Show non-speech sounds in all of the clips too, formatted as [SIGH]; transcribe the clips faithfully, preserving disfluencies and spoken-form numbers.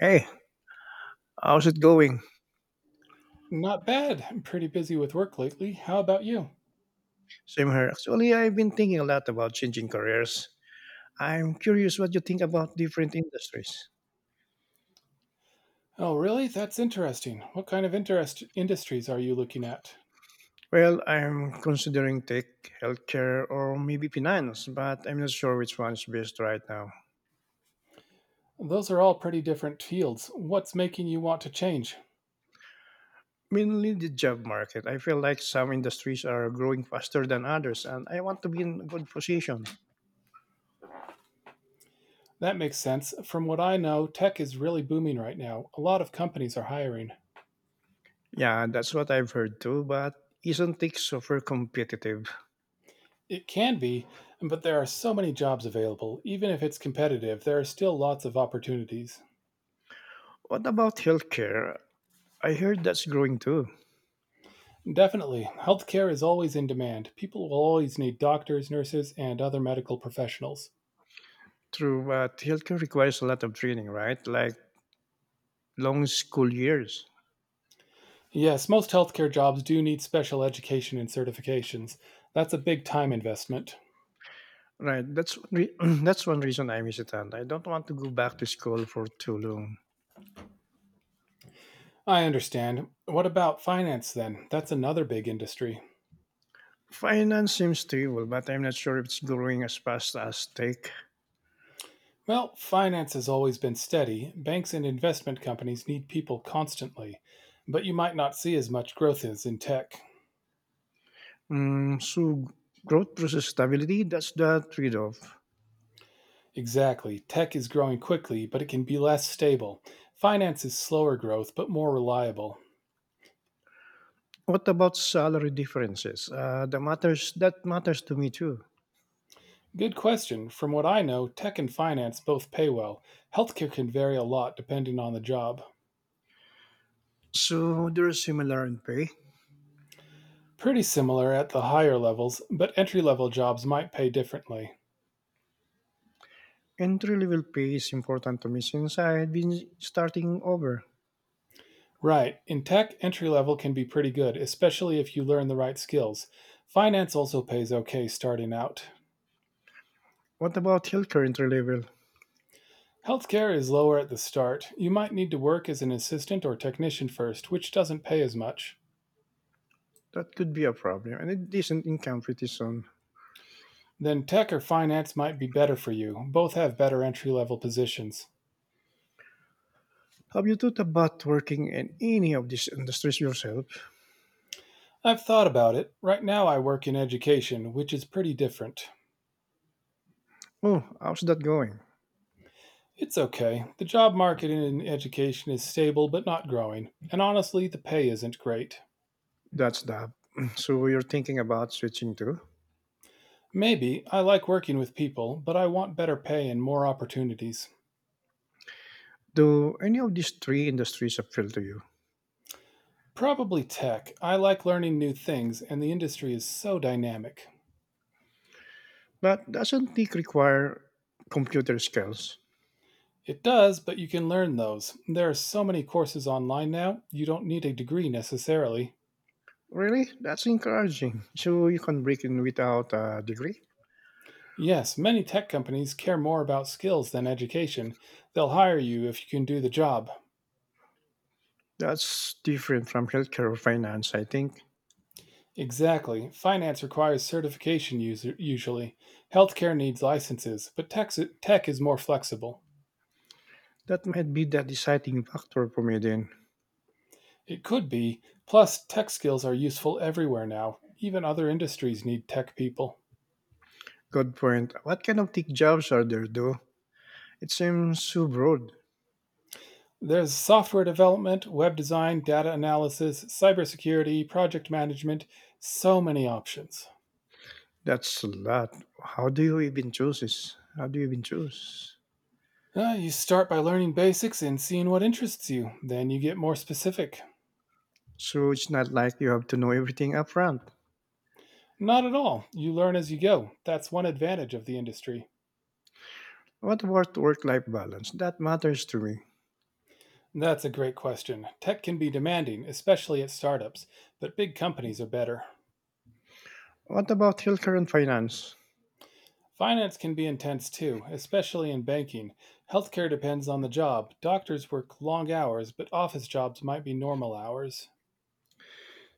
Hey, how's it going? Not bad. I'm pretty busy with work lately. How about you? Same here. Actually, I've been thinking a lot about changing careers. I'm curious what you think about different industries. Oh, really? That's interesting. What kind of interest industries are you looking at? Well, I'm considering tech, healthcare, or maybe finance, but I'm not sure which one's best right now. Those are all pretty different fields. What's making you want to change? Mainly the job market. I feel like some industries are growing faster than others, and I want to be in a good position. That makes sense. From what I know, tech is really booming right now. A lot of companies are hiring. Yeah, that's what I've heard too, but isn't tech super competitive? It can be, but there are so many jobs available. Even if it's competitive, there are still lots of opportunities. What about healthcare? I heard that's growing too. Definitely. Healthcare is always in demand. People will always need doctors, nurses, and other medical professionals. True, but healthcare requires a lot of training, right? Like long school years, Yes, most healthcare jobs do need special education and certifications. That's a big time investment. right? That's one re- [CLEARS THROAT] that's one reason I'm hesitant. I don't want to go back to school for too long. I understand. What about finance then? That's another big industry. Finance seems stable, but I'm not sure if it's growing as fast as tech. Well, finance has always been steady. Banks and investment companies need people constantly, but you might not see as much growth as in tech. Mm, so growth versus stability, that's the trade-off. Exactly. Tech is growing quickly, but it can be less stable. Finance is slower growth, but more reliable. What about salary differences? Uh, the matters that matters to me too. Good question. From what I know, tech and finance both pay well. Healthcare can vary a lot depending on the job. So they're similar in pay. Pretty similar at the higher levels, but entry level jobs might pay differently. Entry level pay is important to me since I had been starting over. Right, in tech, entry level can be pretty good, especially if you learn the right skills. Finance also pays okay starting out. What about health currently level? Healthcare is lower at the start. You might need to work as an assistant or technician first, which doesn't pay as much. That could be a problem, and it isn't in competition. Then tech or finance might be better for you. Both have better entry level positions. Have you thought about working in any of these industries yourself? I've thought about it. Right now, I work in education, which is pretty different. Oh, how's that going? It's okay. The job market in education is stable but not growing, and honestly, the pay isn't great. That's that. [CLEARS THROAT] So you're thinking about switching to? Maybe I like working with people, but I want better pay and more opportunities. Do any of these three industries appeal to you? Probably tech. I like learning new things, and the industry is so dynamic. But doesn't it require computer skills? It does, but you can learn those. There are so many courses online now, you don't need a degree necessarily. Really? That's encouraging. So you can break in without a degree? Yes, many tech companies care more about skills than education. They'll hire you if you can do the job. That's different from healthcare or finance, I think. Exactly. Finance requires certification user, usually. Healthcare needs licenses, but tech, tech is more flexible. That might be the deciding factor for me then. It could be. Plus, tech skills are useful everywhere now. Even other industries need tech people. Good point. What kind of tech jobs are there though? It seems so broad. There's software development, web design, data analysis, cybersecurity, project management, so many options. That's a lot. How do you even choose this? How do you even choose? Uh, you start by learning basics and seeing what interests you. Then you get more specific. So it's not like you have to know everything upfront. Not at all. You learn as you go. That's one advantage of the industry. What about work-life balance? That matters to me. That's a great question. Tech can be demanding, especially at startups, but big companies are better. What about healthcare and finance? Finance can be intense too, especially in banking. Healthcare depends on the job. Doctors work long hours, but office jobs might be normal hours.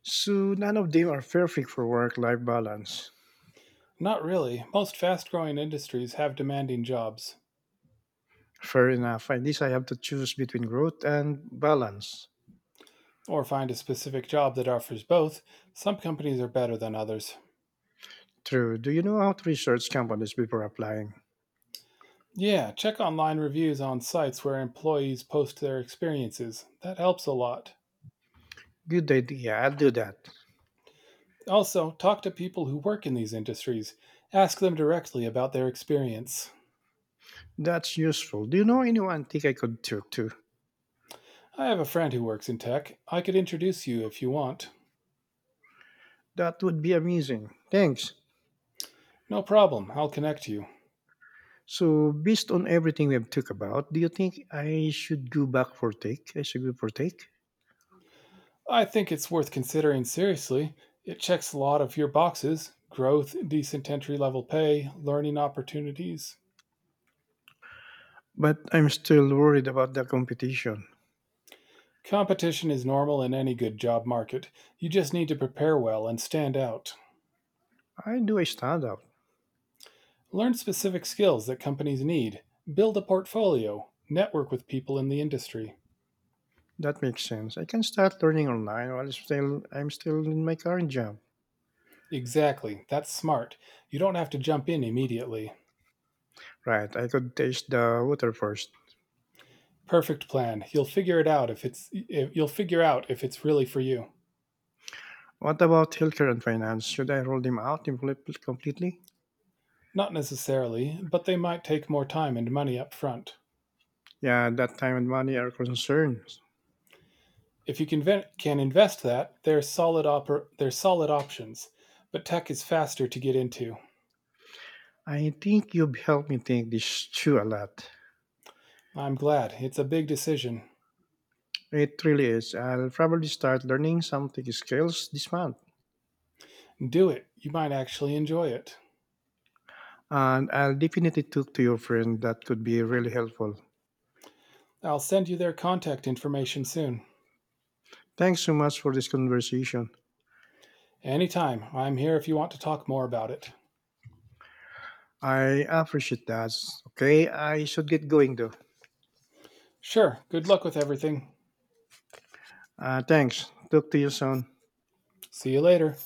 So none of them are perfect for work-life balance. Not really. Most fast growing industries have demanding jobs, Fair enough. At least I have to choose between growth and balance. or find a specific job that offers both. Some companies are better than others. True. Do you know how to research companies before applying? Yeah, check online reviews on sites where employees post their experiences. That helps a lot. Good idea. I'll do that. Also, talk to people who work in these industries. Ask them directly about their experience. That's useful. Do you know any antique I could trip to? I have a friend who works in tech. I could introduce you if you want. That would be amazing. Thanks. No problem, I'll connect you. So, based on everything we've talked about, do you think I should go back for take? I should go for take? I think it's worth considering seriously. It checks a lot of your boxes: growth, decent entry level pay, learning opportunities. But I'm still worried about the competition. Competition is normal in any good job market. You just need to prepare well and stand out. I do a stand out. Learn specific skills that companies need. Build a portfolio. Network with people in the industry. That makes sense. I can start learning online while still I'm still in my current job. Exactly. That's smart. You don't have to jump in immediately. Right. I could taste the water first. Perfect plan. You'll figure it out if it's if you'll figure out if it's really for you. What about healthcare and finance? Should I roll them out impl- completely? Not necessarily, but they might take more time and money up front. Yeah, that time and money are concerns. If you can, ven- can invest that, they're solid, oper- they're solid options, but tech is faster to get into. I think you've helped me think this through a lot. I'm glad. It's a big decision. It really is. I'll probably start learning something skills this month. Do it. You might actually enjoy it. And I'll definitely talk to your friend. That could be really helpful. I'll send you their contact information soon. Thanks so much for this conversation. Anytime. I'm here if you want to talk more about it. I appreciate that. Okay, I should get going though. Sure. Good luck with everything. Uh, thanks. Talk to you soon. See you later.